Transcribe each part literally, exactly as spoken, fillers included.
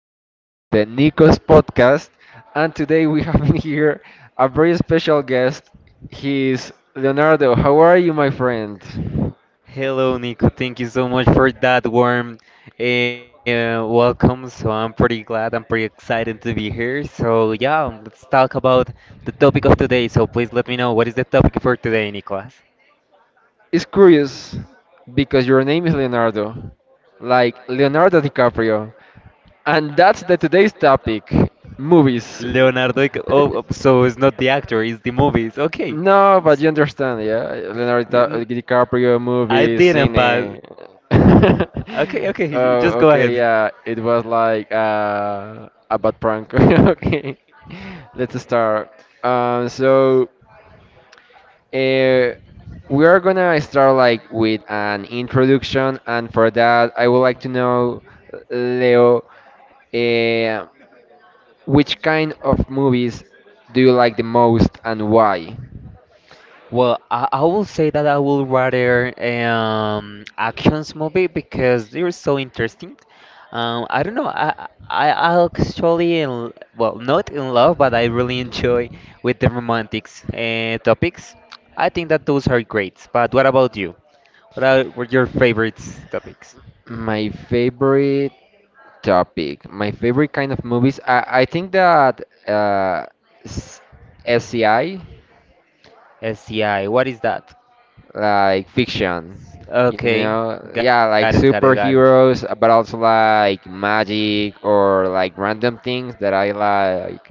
podcast, the Nikos podcast. And today we have here a very special guest. He's Leonardo. How are you, my friend? Hello, Nico. Thank you so much for that warm uh, welcome. So I'm pretty glad. I'm pretty excited to be here. So yeah, let's talk about the topic of today. So please let me know what is the topic for today, Nicolas. It's curious because your name is Leonardo, like Leonardo DiCaprio. And that's the today's topic, movies. Leonardo. Dic- Oh, oh, so it's not the actor. It's the movies. Okay. No, but S- you understand, yeah. Leonardo y- Di- uh, n- DiCaprio I movies, didn't, but cine. okay, okay. j- Just go ahead. Oh, okay, yeah. It was like uh, a bad prank. Okay, let's start. Um, so uh, we are gonna start like with an introduction, and for that, I would like to know, Leo, uh, which kind of movies do you like the most and why? Well, I, I will say that I will rather um actions movie because they're so interesting. Um, I don't know. I I I actually in l- well, not in love, but I really enjoy with the romantics uh, topics. I think that those are great. But what about you? What are what your favorite topics? My favorite topic. My favorite kind of movies. I, I think that uh, s- SCI, S C I. What is that? like fiction, you Okay, know, got yeah, it, got like it, got it. superheroes, uh, but also like magic or like random things that I like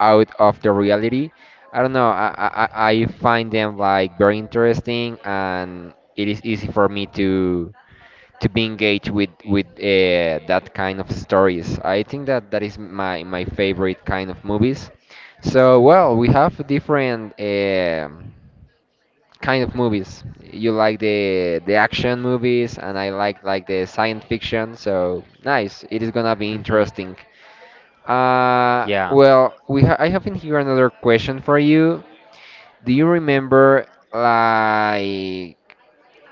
out of the reality. I don't know. I I, I I find them like very interesting, and it is easy for me to to be engaged with with uh, that kind of stories. I think that that is my my favorite kind of movies. So well, we have different um kind of movies. You like the the action movies, and I like like the science fiction. So nice, it is hmm gonna be interesting. Yeah. Uh, well, we ha- I have in here another question for you. Do you remember like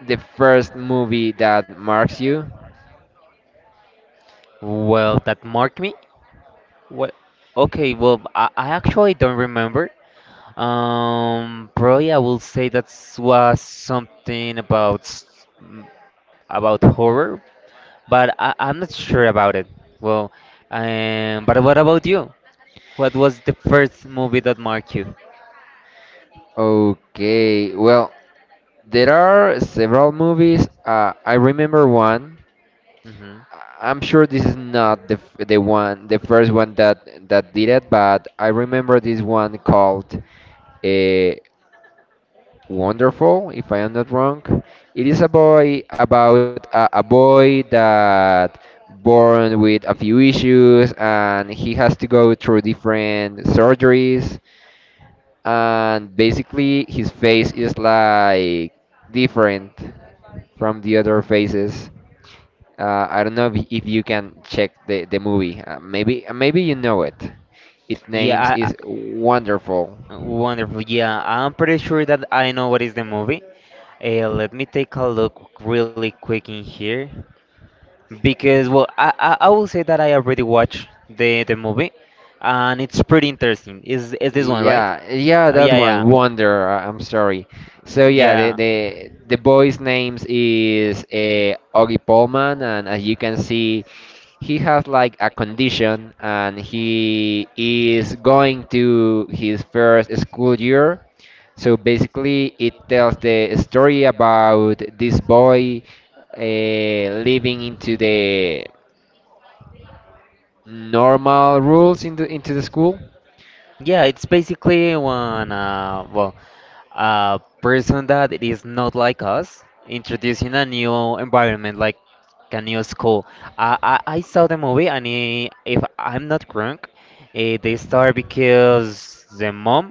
the first movie that marks you? Well, that marked me. What? Okay. Well, I, I actually don't remember. Um, probably I will say that was something about s- m- about horror, but I, I'm not sure about it. Well, um, but what about you? What was the first movie that marked you? Okay, well, there are several movies. Uh, I remember one. Mm-hmm. I- I'm sure this is not the f- the one, the first one that that did it, but I remember this one called uh, Wonderful, if I am not wrong. It is a boy about a, a boy that born with a few issues and he has to go through different surgeries and basically his face is like different from the other faces. Uh, I don't know if, if you can check the, the movie. Uh, maybe maybe you know it. Its names Yeah, I, is Wonderful. I- wonderful. Yeah, I'm pretty sure that I know what is the movie. Uh, let me take a look really quick in here because well, I, I, I will say that I already watched the the movie, and it's pretty interesting. Is is this one right? Yeah, yeah, Uh, that yeah, one, Wonder. uh, I'm sorry. So yeah, yeah, the yeah. the the boy's names is uh, Augie Pullman, and as you can see, he has like a condition, and he is going to his first school year. So basically, it tells the story about this boy uh, living into the normal rules into into the school. Yeah, it's basically when uh, well, a person that it is not like us introducing a new environment, like a new school. I I, I saw the movie, and I if I'm not wrong, eh, they start because the mom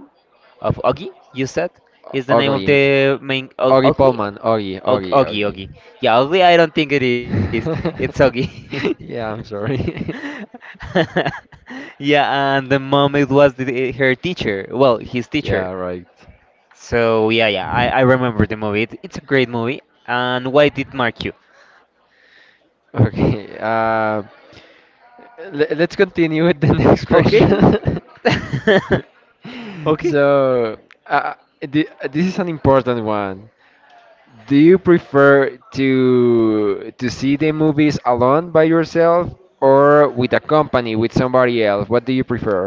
of Augie, you said, is the name of Ugly. the main Og Ori Ugly, Polman, Ori, Og Ori, Augie, Ori. Augie. Yeah, Ugly. I don't think it is. It's Augie. Yeah, I'm sorry. Yeah, and the mom it was the, eh, her teacher. Well, his teacher. Yeah, right. So yeah, yeah, I, I remember the movie. It, it's a great movie. And why did mark you? Okay. Uh, le- let's continue with the next question. Okay. Okay. So, uh, th- this is an important one. Do you prefer to to see the movies alone by yourself or with a company with somebody else? What do you prefer?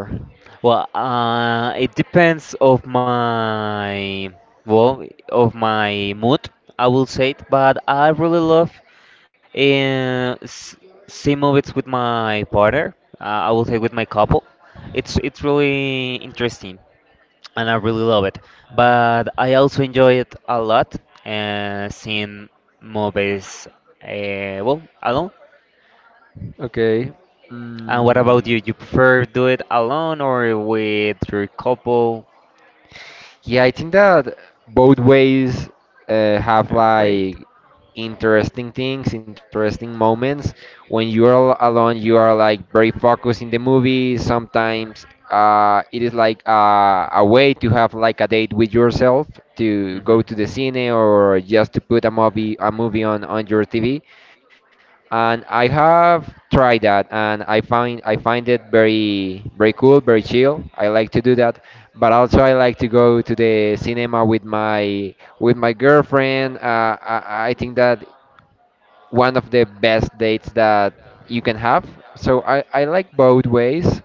Well, uh, it depends of my well of my mood. I will say it, but I really love uh, s- see movies with my partner. Uh, I will say with my couple. It's it's really interesting, and I really love it. But I also enjoy it a lot uh, seeing movies uh, well, alone. Okay. And what Mm. about you? You prefer do it alone or with your couple? Yeah, I think that both ways uh, have Uh, like Great. interesting things, interesting moments. When you are al- alone, you are like very focused in the movie. Sometimes uh, it is like uh, a way to have like a date with yourself, to go to the cine or just to put a movie a movie on on your T V, and I have tried that, and I find I find it very, very cool, very chill. I like to do that, but also I like to go to the cinema with my with my girlfriend. Uh, I, I think that one of the best dates that you can have. So I, I like both ways.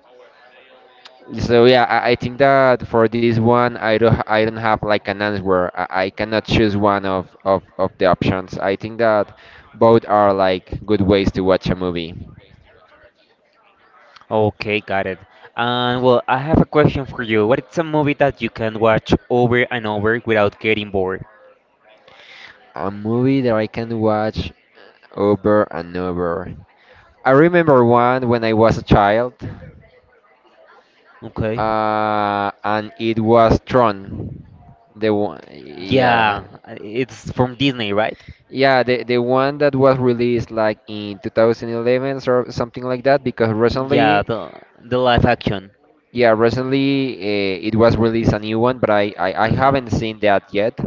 So yeah, I, I think that for this one, I don't I don't have like an answer. I, I cannot choose one of, of, of the options. I think that both are like good ways to watch a movie. Okay, got it. And well, I have a question for you. What is a movie that you can watch over and over without getting bored? A movie that I can watch over and over. I remember one when I was a child, Okay. uh, and it was Tron. The one, Yeah, yeah, uh, it's from Disney, right? yeah, the the one that was released like in twenty eleven or something like that. Because Yeah, recently, the the live action. yeah, recently uh, it was released a new one, but I, I I Mhm. haven't seen that yet.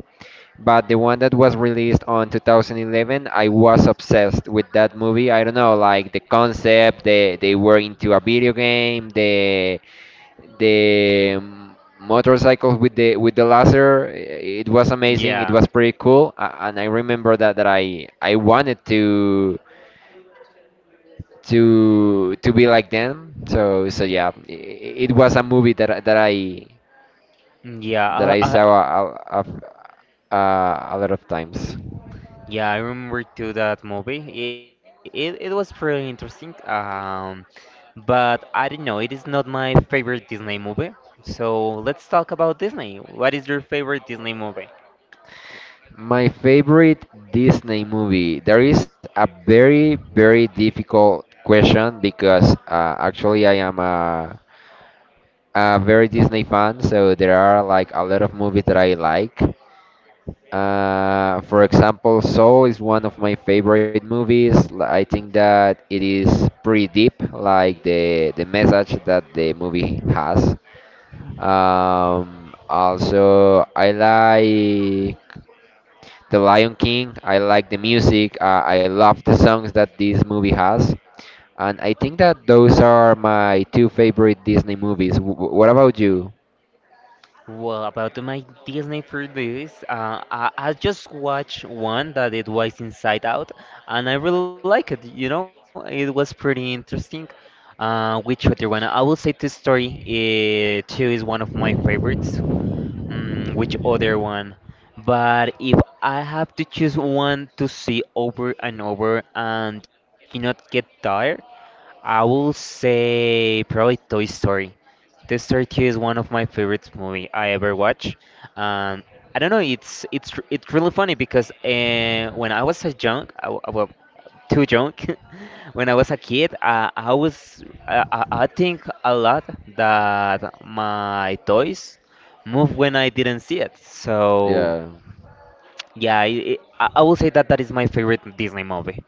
But the one that was released on two thousand eleven, I was obsessed with that movie. I don't know, like the concept, they, they were into a video game. The the um, motorcycles with the with the laser, i- it was amazing, it Yeah. was pretty cool. A- and I remember that that i I wanted to to to be like them. So so yeah, i- i- it was a movie that I- that I Yeah, that I I, I, saw a, a, a, a lot of times. yeah, I remember too that movie. It, it, it was pretty interesting. Um, but I don't know, it is not my favorite Disney movie. So let's talk about Disney. What is your favorite Disney movie? My favorite Disney movie. There is a very, very difficult question because uh, actually I am a, a very Disney fan, so there are like a lot of movies that I like. Uh, for example, Soul is one of my favorite movies. L- I think that it is pretty deep, like the the message that the movie has. Um, also, I like The Lion King. I like the music. Uh, I love the songs that this movie has, and I think that those are my two favorite Disney movies. W- w- what about you? Well, about my Disney for this, uh, I, I just watched one that it was Inside Out, and I really like it. You know, it was pretty interesting. Uh, which other one? I will say Toy Story uh, two is one of my favorites. Mm, which other one? But if I have to choose one to see over and over and do not get tired, I will say probably Toy Story. This story two is one of my favorite movie I ever watch. Um, I don't know, it's it's r- it's really funny because uh, when I was a young, I w- well, too young, when I was a kid, uh, I was uh, I I think a lot that my toys move when I didn't see it. So Yeah. yeah, it, it, I I will say that that is my favorite Disney movie.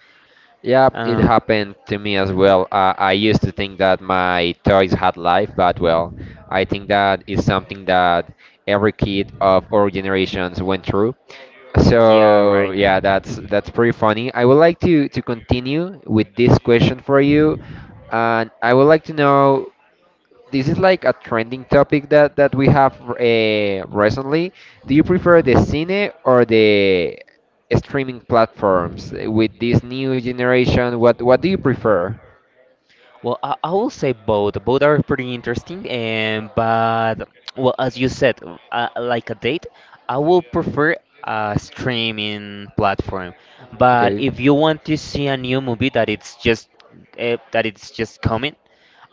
Yeah, it Um, happened to me as mhm. well. Uh, I used to think that my toys had life, but well, I think that is something that every kid of our generations went through. Yeah, So right. yeah, that's that's pretty funny. I would like to to continue with this question for you, and I would like to know, this is like a trending topic that that we have uh, recently. Do you prefer the cine or the streaming platforms? Uh, with this new generation, What what do you prefer? Well, I, I will say both. Both are pretty interesting, and but well, as you said, uh, like a date, I will prefer a streaming platform. But Okay. if you want to see a new movie that it's just uh, that it's just coming,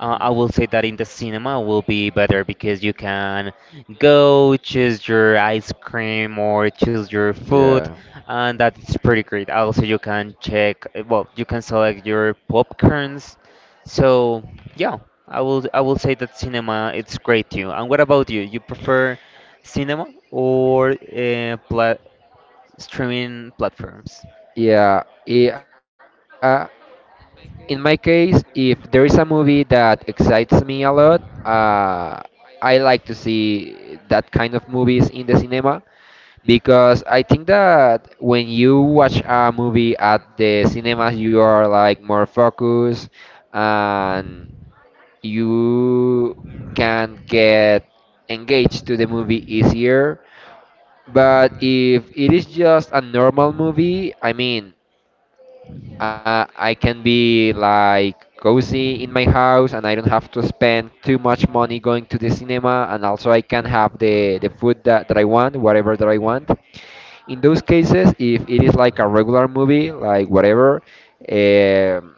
uh, I will say that in the cinema will be better because you can go choose your ice cream or choose your food, Yeah. and that's pretty great. Also, you can check, eh, well, you can select your popcorns, so yeah, I will I will say that cinema it's great too. And what about you? You prefer cinema or uh, pla streaming platforms? Yeah, i- uh, in my case, if there is a movie that excites me a lot, uh, I like to see that kind of movies in the cinema. Because I think that when you watch a movie at the cinemas, you are like more focused and you can get engaged to the movie easier. But if it is just a normal movie, I mean, uh, I can be like cozy in my house and I don't have to spend too much money going to the cinema, and also I can have the, the food that, that I want, whatever that I want. In those cases, if it is like a regular movie, like whatever, um,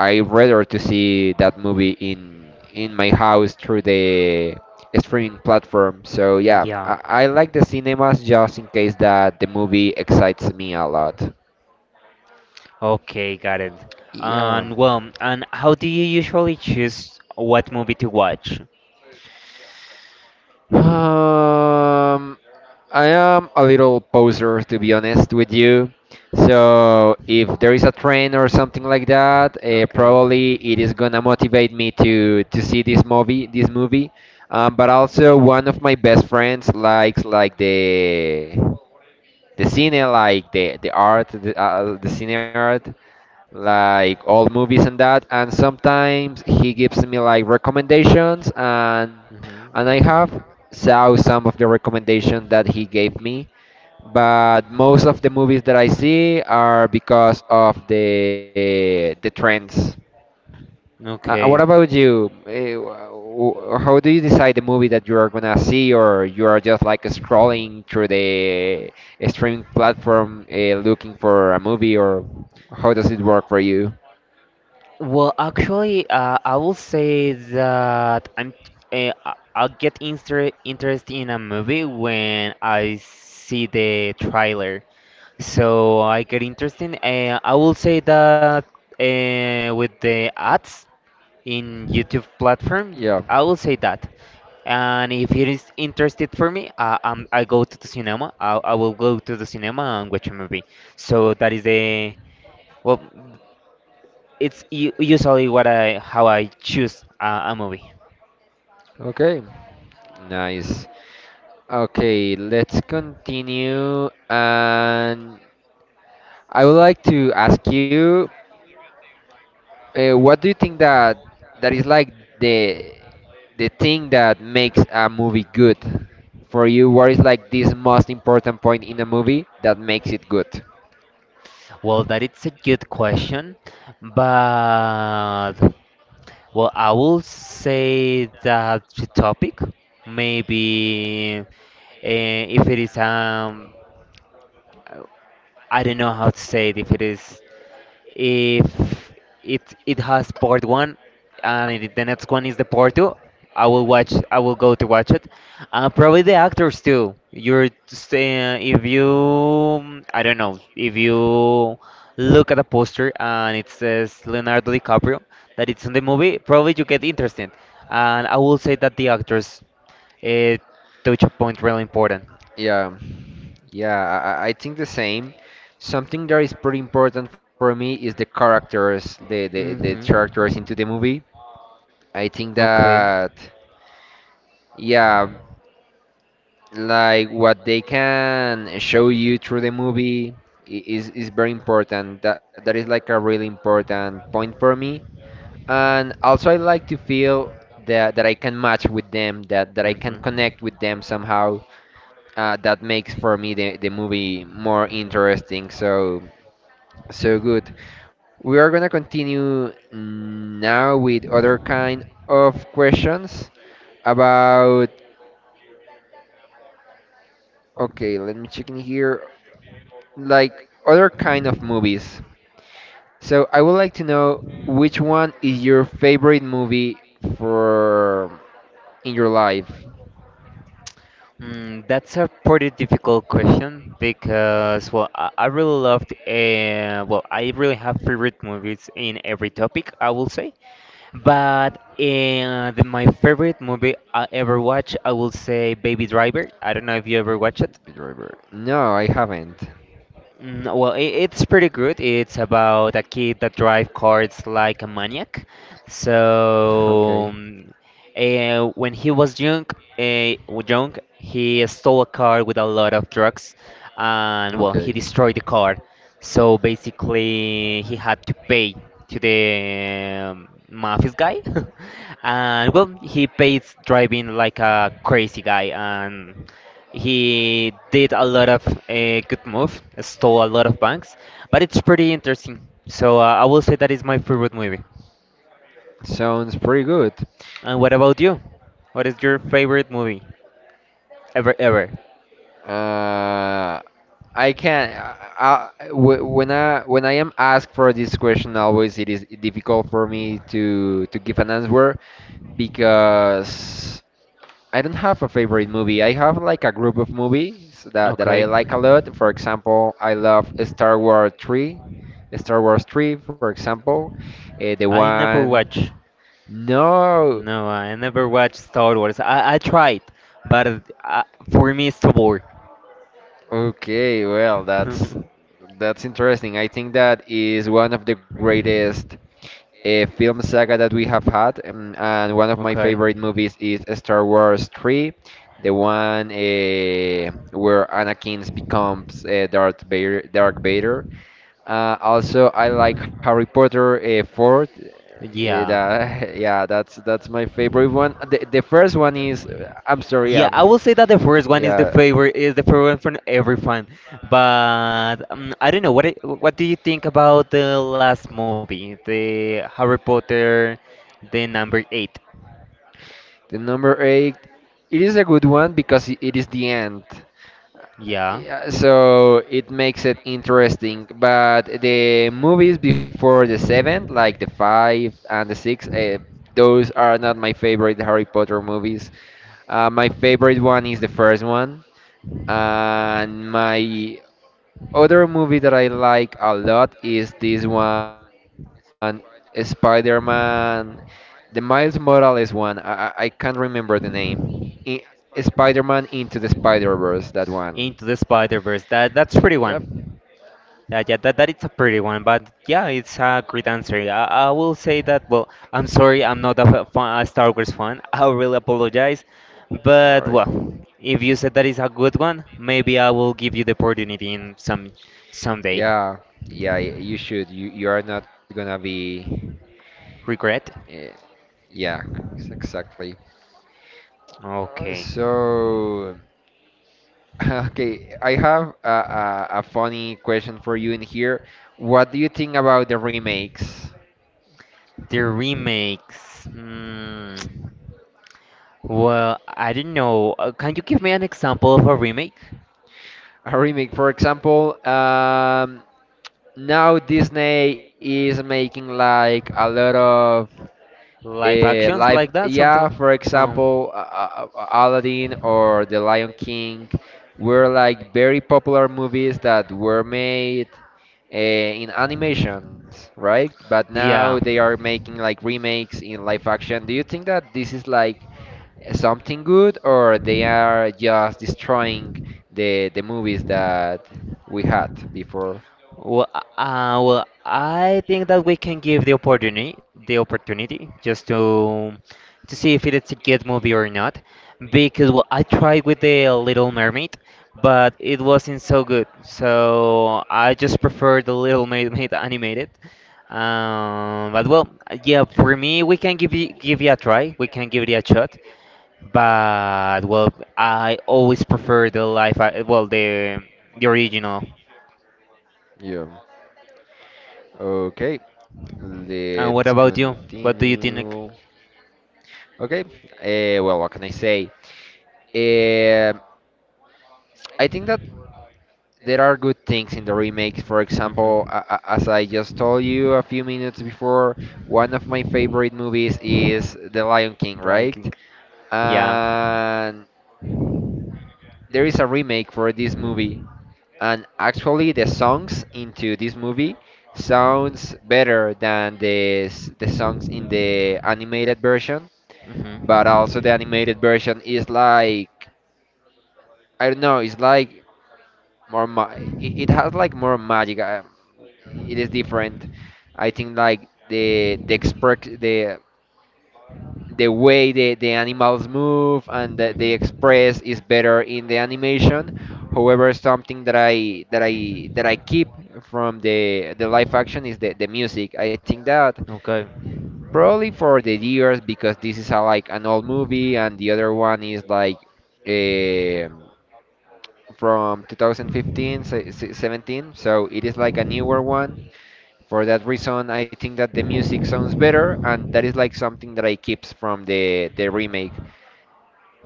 I rather to see that movie in in my house through the streaming platform. So yeah, Yeah. I, I like the cinemas just in case that the movie excites me a lot. Okay, got it. Yeah. And well, and how do you usually choose what movie to watch? Um, I am a little poser, to be honest with you. So if there is a trend or something like that, uh, probably it is gonna motivate me to to see this movie, this movie. Um, but also one of my best friends likes like the the cine, like the the art, the uh, the cine art, like old movies and that, and sometimes he gives me like recommendations, and and I have saw some of the recommendations that he gave me, but most of the movies that I see are because of the the trends. Mhm. Uh, what Okay. about you? Eh, wh- wh- How do you decide the movie that you are gonna see, or you are just like scrolling through the streaming platform uh, looking for a movie, or how does it work for you? Well, actually, uh, I will say that I'm uh, I- I'll get inter interested in a movie when I see the trailer. So I get interested. Uh, I will say that uh, with the ads in YouTube platform, Yeah. I will say that. And if it is interested for me, I, um, I go to the cinema. I, I will go to the cinema and watch a movie. So that is the well, it's u- usually what I how I choose a, a movie. Okay, nice. Okay, let's continue. And I would like to ask you, uh, what do you think that that is like the the thing that makes a movie good for you? What is like this most important point in a movie that makes it good? Well, that it's a good question, but well, I will say that the topic, maybe uh, if it is um, I don't know how to say it, if it is if it it has part one and it, the next one is the part two. I will watch. I will go to watch it. Uh, probably the actors too. You're just, uh, if you, I don't know if you look at a poster and it says Leonardo DiCaprio that it's in the movie, probably you get interested. And I will say that the actors uh, touch a point really important. Yeah, yeah, I, I I think the same. Something that is pretty important for me is the characters, the, the, the characters into hmm the movie. I think Okay. that. Yeah, like what they can show you through the movie i- is is very important. That that is like a really important point for me. And also I like to feel that that I can match with them, that that I can connect with them somehow. Uh, that makes for me the, the movie more interesting. So so good. We are gonna continue now with other kind of questions Mhm. about, okay, let me check in here, like other kind of movies. So I would like to know which one is your favorite movie for in your life. Mm, that's a pretty difficult question because, well, I, I really loved, uh, well, I really have favorite movies in every topic, I will say. But uh, the, my favorite movie I ever watched, I will say Baby Driver. I don't know if you ever watch it. Driver. No, I haven't. Mm, well, I it's pretty good. It's about a kid that drives cars like a maniac. Okay. So, um, eh, when he was young, uh, young, he stole a car with a lot of drugs, and well, he Okay. destroyed the car. So basically, he had to pay to the um, mafia guy, and well, he pays driving like a crazy guy, and he did a lot of uh, good move, stole a lot of banks, but it's pretty interesting. So uh, I will say that is my favorite movie. Sounds pretty good. And what about you? What is your favorite movie ever ever? Uh, I can. Uh, uh, w when I when I am asked for this question, always it is difficult for me to to give an answer because I don't have a favorite movie. I have like a group of movies that, that I Okay. like a lot. For example, I love Star Wars three. Star Wars three, for example. Uh, the I never one. watch. No! No, I never watched Star Wars. I, I tried, but uh, for me it's too boring. Okay, well, that's that's interesting. I think that is one of the greatest uh, film saga that we have had, um, and one of my favorite Okay. movies is Star Wars three, the one uh, where Anakin becomes uh, Darth Vader. Darth Vader. Uh, also, I like Harry Potter uh, four. Uh, Yeah. that, yeah, that's that's my favorite one. The, the first one is, I'm sorry, Yeah, yeah, I will say that the first one is the yeah. favorite is the favorite from every fan. But um, I don't know what it, what do you think about the last movie, the Harry Potter, the number eight? The number eight, it is a good one because i- it is the end. Yeah, Yeah, so it makes it interesting. But the movies before the seventh, like the five and the six, uh, those are not my favorite Harry Potter movies. Uh, my favorite one is the first one, and my other movie that I like a lot is this one, Spider-Man, the Miles Morales one. I, I, I can't remember the name. I, Spider-Man Into the Spider-Verse, that one. Into the Spider Verse. That Y- that's Yep. pretty one. Yeah, yeah, that, that it's a pretty one, but yeah, it's a great answer. I, I will say that, well, I'm sorry, I'm not a fa- fa- a Star Wars fan. I really apologize. Don't But, worry. well, if you said that is a good one, maybe I will give you the opportunity in some someday. Yeah, yeah, y- you should. You you are not gonna be. Regret? eh, yeah, ex- exactly. Uh, Okay. So, okay, I have a, a, a funny question for you in here. What do you think about the remakes? The remakes. Hmm. Well, I don't know. Uh, can you give me an example of a remake? A remake. For example, um, now Disney is making like a lot of Live uh, actions live, like that? Something? yeah, l- for Um. example, uh, uh, uh, Aladdin or The Lion King were like very popular movies that were made uh, in animations, right? But now they Yeah. are making like remakes in live action. Do you think that this is like something good or they are just destroying the the movies that we had before? Well, uh, uh, well, I think that we can give the opportunity, the opportunity, just to to see if it's a good movie or not. Because well, I tried with the Little Mermaid, but it wasn't so good. So I just prefer the Little Mermaid animated. Um, but well, yeah, for me, we can give you give you a try. We can give it a shot. But well, I always prefer the live, a- well, the the original. Yeah. Okay, let's And what about you? What do you continue. think? Okay. Uh, well, what can I say? Uh, I think that there are good things in the remakes. For example, Mhm. a- a- as I just told you a few minutes before, one of my favorite movies is The Lion King, right? Liking. Yeah. And there is a remake for this movie. And actually, the songs into this movie sounds better than the s- the songs in the animated version. But also, the animated Mhm. version is like I don't know. It's like more. Ma- it, it has like more magic. Um, it is different. I think like the the expre- the the way the, the animals move and the, they Mhm. express is better in the animation. However, something that I that I that I keep from the the live action is the, the music. I think that Okay. probably for the years because this is a, like an old movie and the other one is like. eh, from twenty fifteen se- se- seventeen, so it is like a newer one. For that reason, I think that the music sounds better, and that is like something that I keeps from the the remake.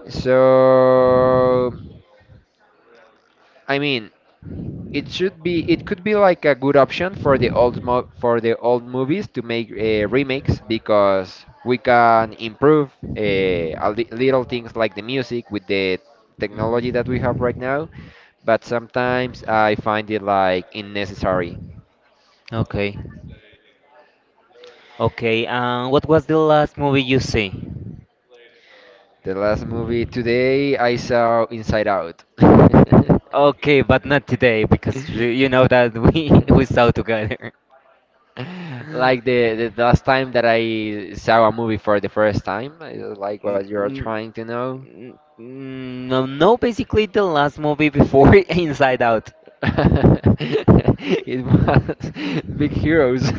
So I mean, it Mhm. should be. It could be like a good option for the old mo- for the old movies to make uh, remakes, because we can improve uh, a li- little things like the music with the technology that we have right now. But sometimes I find it like unnecessary. Okay. Okay, um, what was the last movie you see? The last movie today I saw Inside Out. Okay, but not today because you, you know that we we saw together. N- Like the, the last time that I saw a movie for the first time, I don't like what you're n- trying to know. n- No, no, basically the last movie before Inside Out. It was Big Heroes.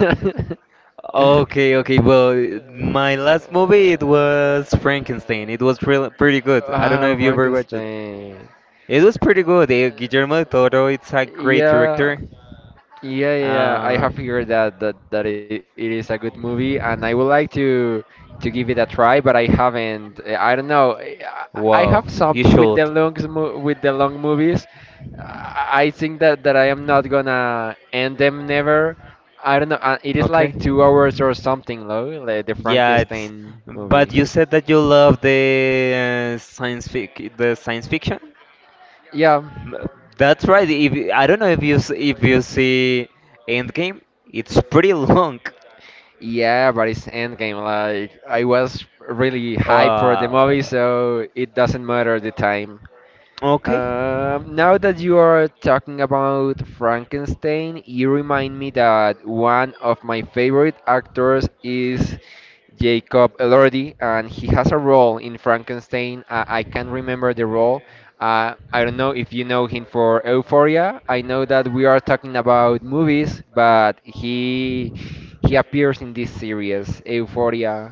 Okay, okay, well, my last movie it was Frankenstein. It was real pretty good. I don't know Ah, if you ever watched it. Frankenstein. It was pretty good. eh, Guillermo del Toro, it's a great Yeah, director. yeah, yeah, yeah. I Uh, have heard that that, that it, it is a good movie, and I would like to to give it a try, but I haven't. Uh, I don't know. I, I I have wow, you something with should. the long with the long movies. I I think that that I am not gonna end them never. I don't know. Uh, it is Okay. like two hours or something, though, like the Yeah, it's. Frankenstein But movie. you said that you love the uh, science fic, the science fiction. Yeah. M- That's right. If you- I don't know if you s- if you see Endgame, it's pretty long. Yeah, but it's Endgame. Like I was really hyped for the Uh, movie, so it doesn't matter the time. okay. Um, now that you are talking about Frankenstein, you remind me that one of my favorite actors is Jacob Elordi, and he has a role in Frankenstein. Uh, I can't remember the role. Uh, I don't know if you know him for Euphoria. I know that we are talking about movies, but he he appears in this series, Euphoria,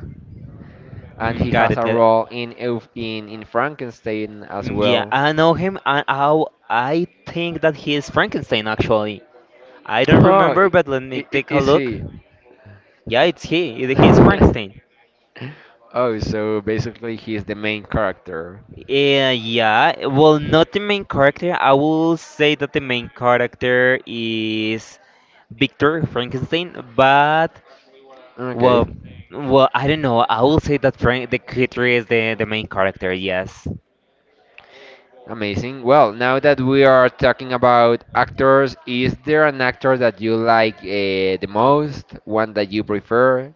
and Mm, he got has it. a Got it. role in Euf in in Frankenstein as Yeah, well. I know him, and how I think that he is Frankenstein. Actually, I don't Oh, remember, i- but let me i- take i- a is look. he? Yeah, it's he. It- He's Frankenstein. Oh, so basically he's the main character. Yeah, yeah. Well, not the main character. I will say that the main character is Victor Frankenstein, but Okay, well, well, I don't know. I will say that Frank the creator is the the main character. Yes. amazing. Well, now that we are talking about actors, is there an actor that you like uh, the most? One that you prefer?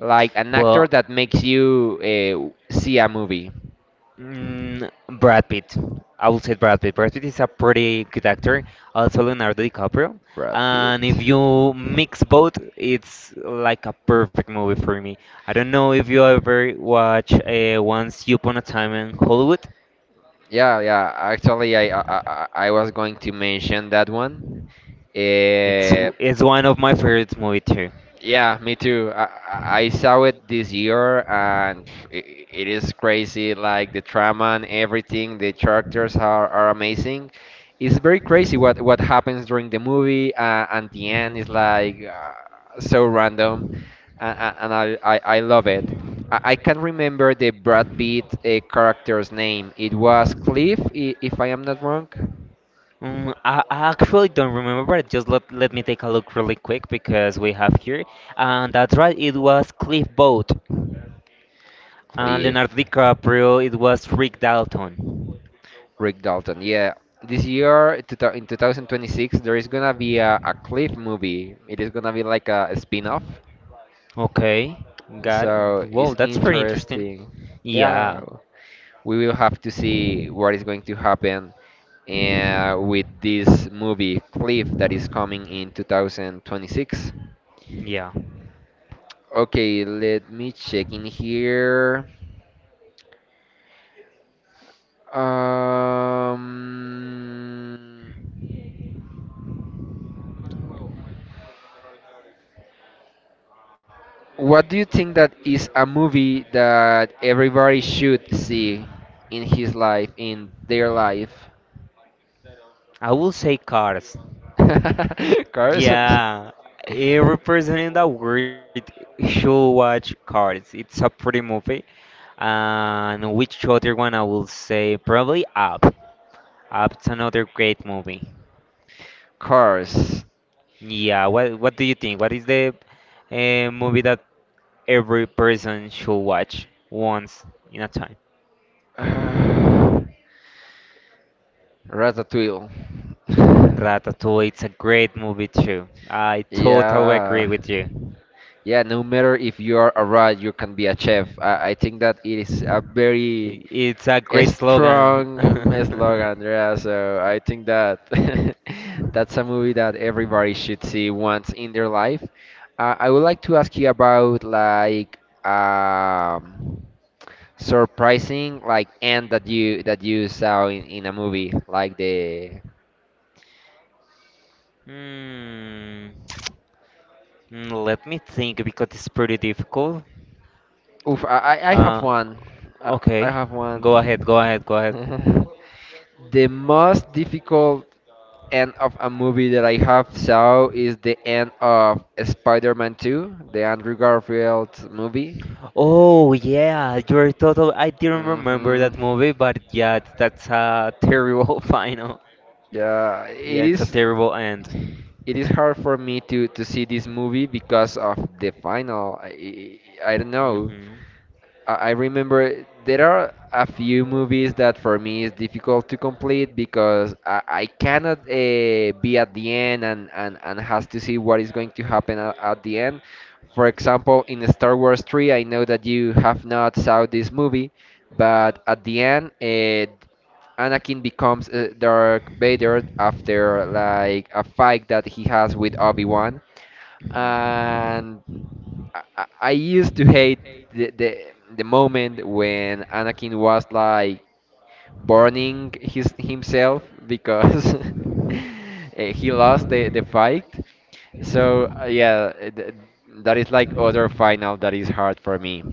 Like an actor Well, that makes you uh, see a movie? mm, Brad Pitt. I will say Brad Pitt. Brad Pitt is a pretty good actor. Also Leonardo DiCaprio. Brad And Pitt. if you mix both, it's like a perfect movie for me. I don't know if you ever watch uh, Once Upon a Time in Hollywood. Yeah, yeah. Actually, I I, I I was going to mention that one. It's Uh, w- It's one of my favorite movie too. Yeah, me too. I, I I saw it this year, and it, it is crazy. Like the drama and everything, the characters are, are amazing. It's very crazy what what happens during the movie, uh, and the Mhm. end is like uh, so random, and, and I, I I love it. I, I can't remember the Brad Pitt uh, character's name. It was Cliff, i- if I am not wrong. Um, I, I actually don't remember, but just let, let me take a look really quick because we have here. And that's right, it was Cliff Booth. And Cliff. Leonardo DiCaprio, it was Rick Dalton. Rick Dalton. Yeah, this year two thou- in two thousand twenty-six there is gonna be a, a Cliff movie. It is gonna be like a, a spin-off. Okay, got it. So it's Whoa, that's pretty interesting. interesting. Yeah, Yeah, we will have to see what is going to happen uh, with this movie Cliff that is coming in two thousand twenty-six. yeah. Okay, let me check in here. Um, What do you think that is a movie that everybody should see in his life, in their life? I will say Cars. Cars? Yeah, every person in the world should watch Cars. It's a pretty movie. And which other one I will say? Probably Up. That's another great movie. Cars. Yeah, what what do you think? What is the uh, movie that every person should watch once in a time? Uh, Ratatouille. Ratatouille, it's a great movie too. I totally agree Yeah. with you. I- Yeah, no matter if you are a rat, you can be a chef. I, I think that it is a very It's a a great slogan. strong um, slog, Andrea. So I think that that's a movie that everybody should see once in their life. Uh, I would like to ask you about like um, surprising like end that you that you saw in, in a movie like the. Hmm. Mm, let me think because it's pretty difficult. Oof, I, I I have Uh, one. Uh, I okay. have one. Go ahead, go ahead, go ahead. The most difficult end of a movie that I have saw is the end of Spider-Man two, the Andrew Garfield movie. Oh, yeah, you're total. I didn't remember Hmm. that movie, but yeah, that's a terrible final. Yeah, it Yeah, it's a is. terrible end. It is hard for me to to see this movie because of the final. I, I I don't know. Hmm. I I remember there are a few movies that for me is difficult to complete because I, I cannot uh, be at the end and, and, and has to see what is going to happen at, at the end. For example, in Star Wars three, I know that you have not saw this movie, but at the end, uh, Anakin becomes uh, Darth Vader after like a fight that he has with Obi-Wan. And Hmm. I, I I used to hate the, the the moment when Anakin was like burning his himself because eh, he lost the, the fight. So uh, yeah, eh, th- that is like other final that is hard for me.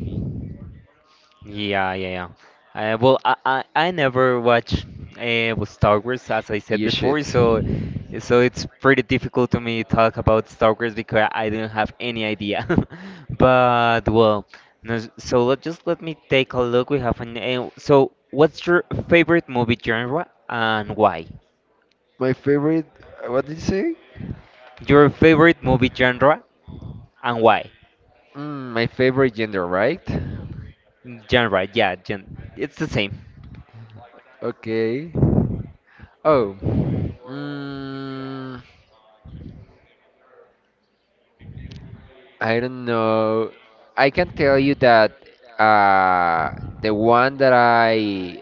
Yeah, yeah, yeah. Uh, well, I, I, I never watched uh, with Star Wars, as I said You should. before, so so it's pretty difficult to me talk about Star Wars because I don't have any idea. But well, no, so let just let me take a look. We have an uh, so what's your favorite movie genre and why? My favorite, uh, what did you say? Your favorite movie genre and why? Mm, my favorite gender, right? Genre, yeah, gen it's the same. Okay. Oh. Mm, I don't know. I can tell you that uh, the one that I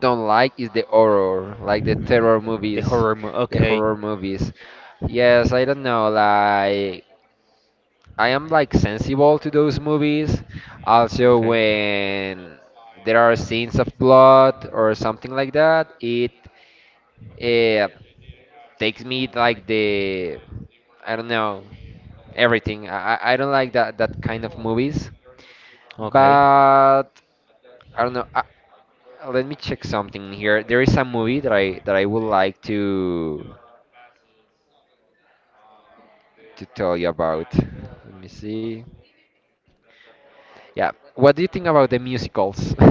don't like is the horror, like the terror The horror movies, movie, the okay. horror movies. Yes, I don't know. Like I am like sensible to those movies. Also, Okay. when there are scenes of blood or something like that, it uh, takes me like the I don't know everything. I I I don't like that that kind of movies. Okay. But I don't know. Uh, let me check something here. There is a movie that I that I would like to to tell you about. Let me see. Yeah. What do you think about the musicals?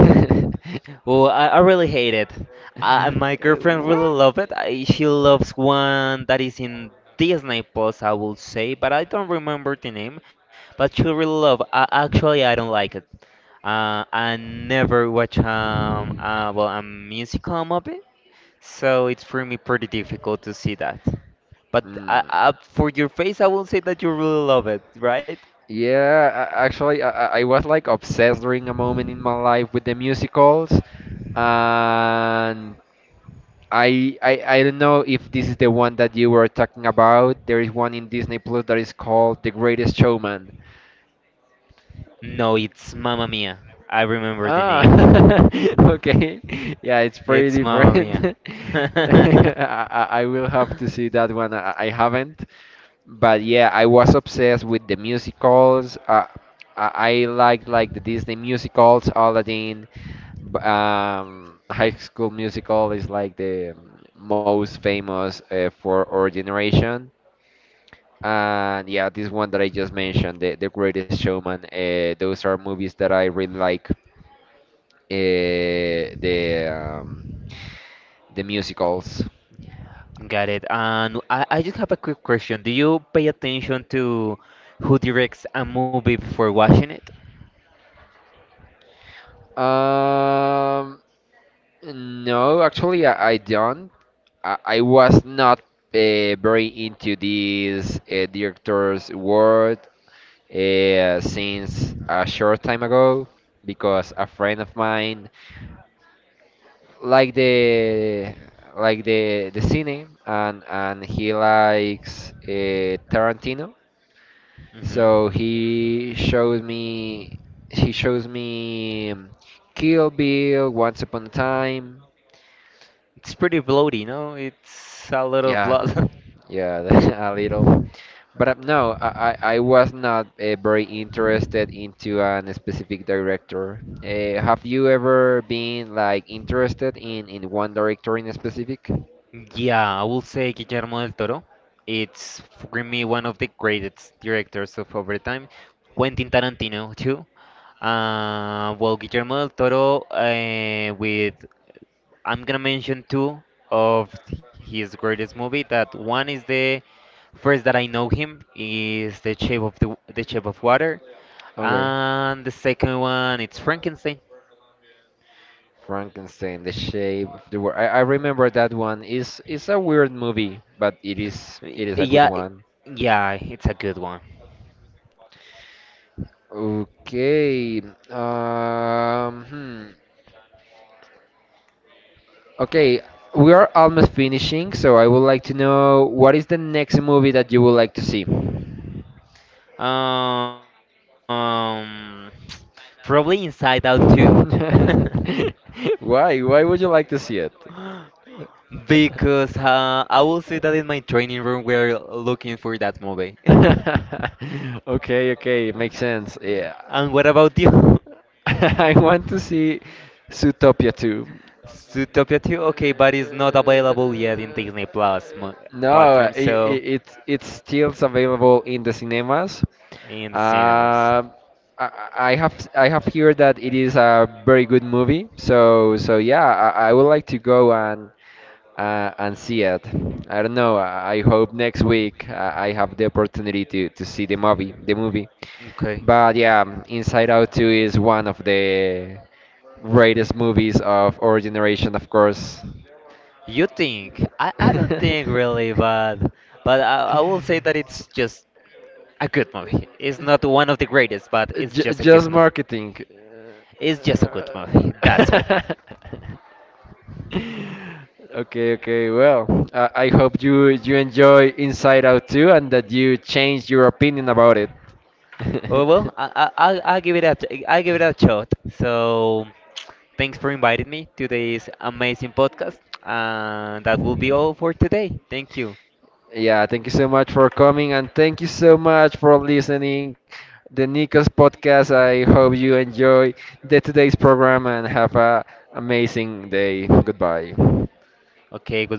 Well, I, I really hate it. I, my Uh, girlfriend really what? love it. I, she loves one that is in Disney Plus, I will say, but I don't remember the name. But she really love. I, actually, I don't like it. Uh, I never watch um uh, well a musical movie, so it's for me pretty difficult to see that. But I, Mm. I, for your face, I will say that you really love it, right? Yeah, a- actually, I, I I was like obsessed during a moment in my life with the musicals, and I, I I don't know if this is the one that you were talking about. There is one in Disney Plus that is called The Greatest Showman. No, it's Mamma Mia. I remember the name. Ah, okay. Yeah, it's It's pretty Mamma Mia. different. I, I I will have to see that one. I, I haven't. But yeah, I was obsessed with the musicals. Uh, I, I liked like the Disney musicals, Aladdin. b- Um, High School Musical is like the most famous uh, for our generation. And yeah, this one that I just mentioned, The, the Greatest Showman, uh, those are movies that I really like. Uh, the um, the musicals. Got it. And I, I just have a quick question. Do you pay attention to who directs a movie before watching it? Um, no, actually, I, I don't. I, I was not uh, very into this uh, director's world uh, since a short time ago because a friend of mine like the like the the cine and and he likes uh, Tarantino. Hmm. So he shows me he shows me um, Kill Bill, Once Upon a Time. It's pretty bloody, no? It's a lot of Yeah, blood. yeah, a little. But uh, no, I, I I was not uh, very interested into an specific director. Uh, have you ever been like interested in in one director in specific? Yeah, I will say Guillermo del Toro. It's for me one of the greatest directors of our time. Quentin Tarantino too. Uh, well, Guillermo del Toro uh, with I'm gonna mention two of his greatest movie. That one is the first that I know him is The Shape of the, the Shape of Water, Okay. and the second one it's Frankenstein. Frankenstein, The Shape of the World. I, I remember that one. Is it's a weird movie, but it is Y- it is a good Yeah, i- one. yeah, it's a good one. Okay. Um, hmm. Okay, we are almost finishing, so I would like to know what is the next movie that you would like to see? Um, probably Inside Out too. Why? Why would you like to see it? Because uh, I will say that in my training room we're looking for that movie. Okay, okay, makes sense. Yeah. And what about you? I want to see Zootopia too. Uh, Zootopia two? Okay, but it's not available yet in Disney Plus mo- No, platform, it, so it, it's it's still available in the cinemas. in the cinemas. Um, I, I I have I have heard that it is a very good movie. So so yeah, I, I would like to go and uh, and see it. I don't know. I I hope next week uh, I have the opportunity to, to see the movie. The movie, Okay. but yeah, Inside Out two is one of the greatest movies of our generation, of course. You think? I, I don't think really, but but I, I will say that it's just a good movie. It's not one of the greatest, but it's J- just a good just movie. marketing. It's just a good movie. That's all. Uh, okay, okay. Well, I I hope you you enjoy Inside Out too, and that you change your opinion about it. Well, well, I I I'll I'll give it a t- I'll give it a shot. So thanks for inviting me to this amazing podcast, and that will be all for today. Thank you. Yeah, thank you so much for coming and thank you so much for listening the Nico's podcast. I hope you enjoy the today's program and have a amazing day. Goodbye. Okay, goodbye.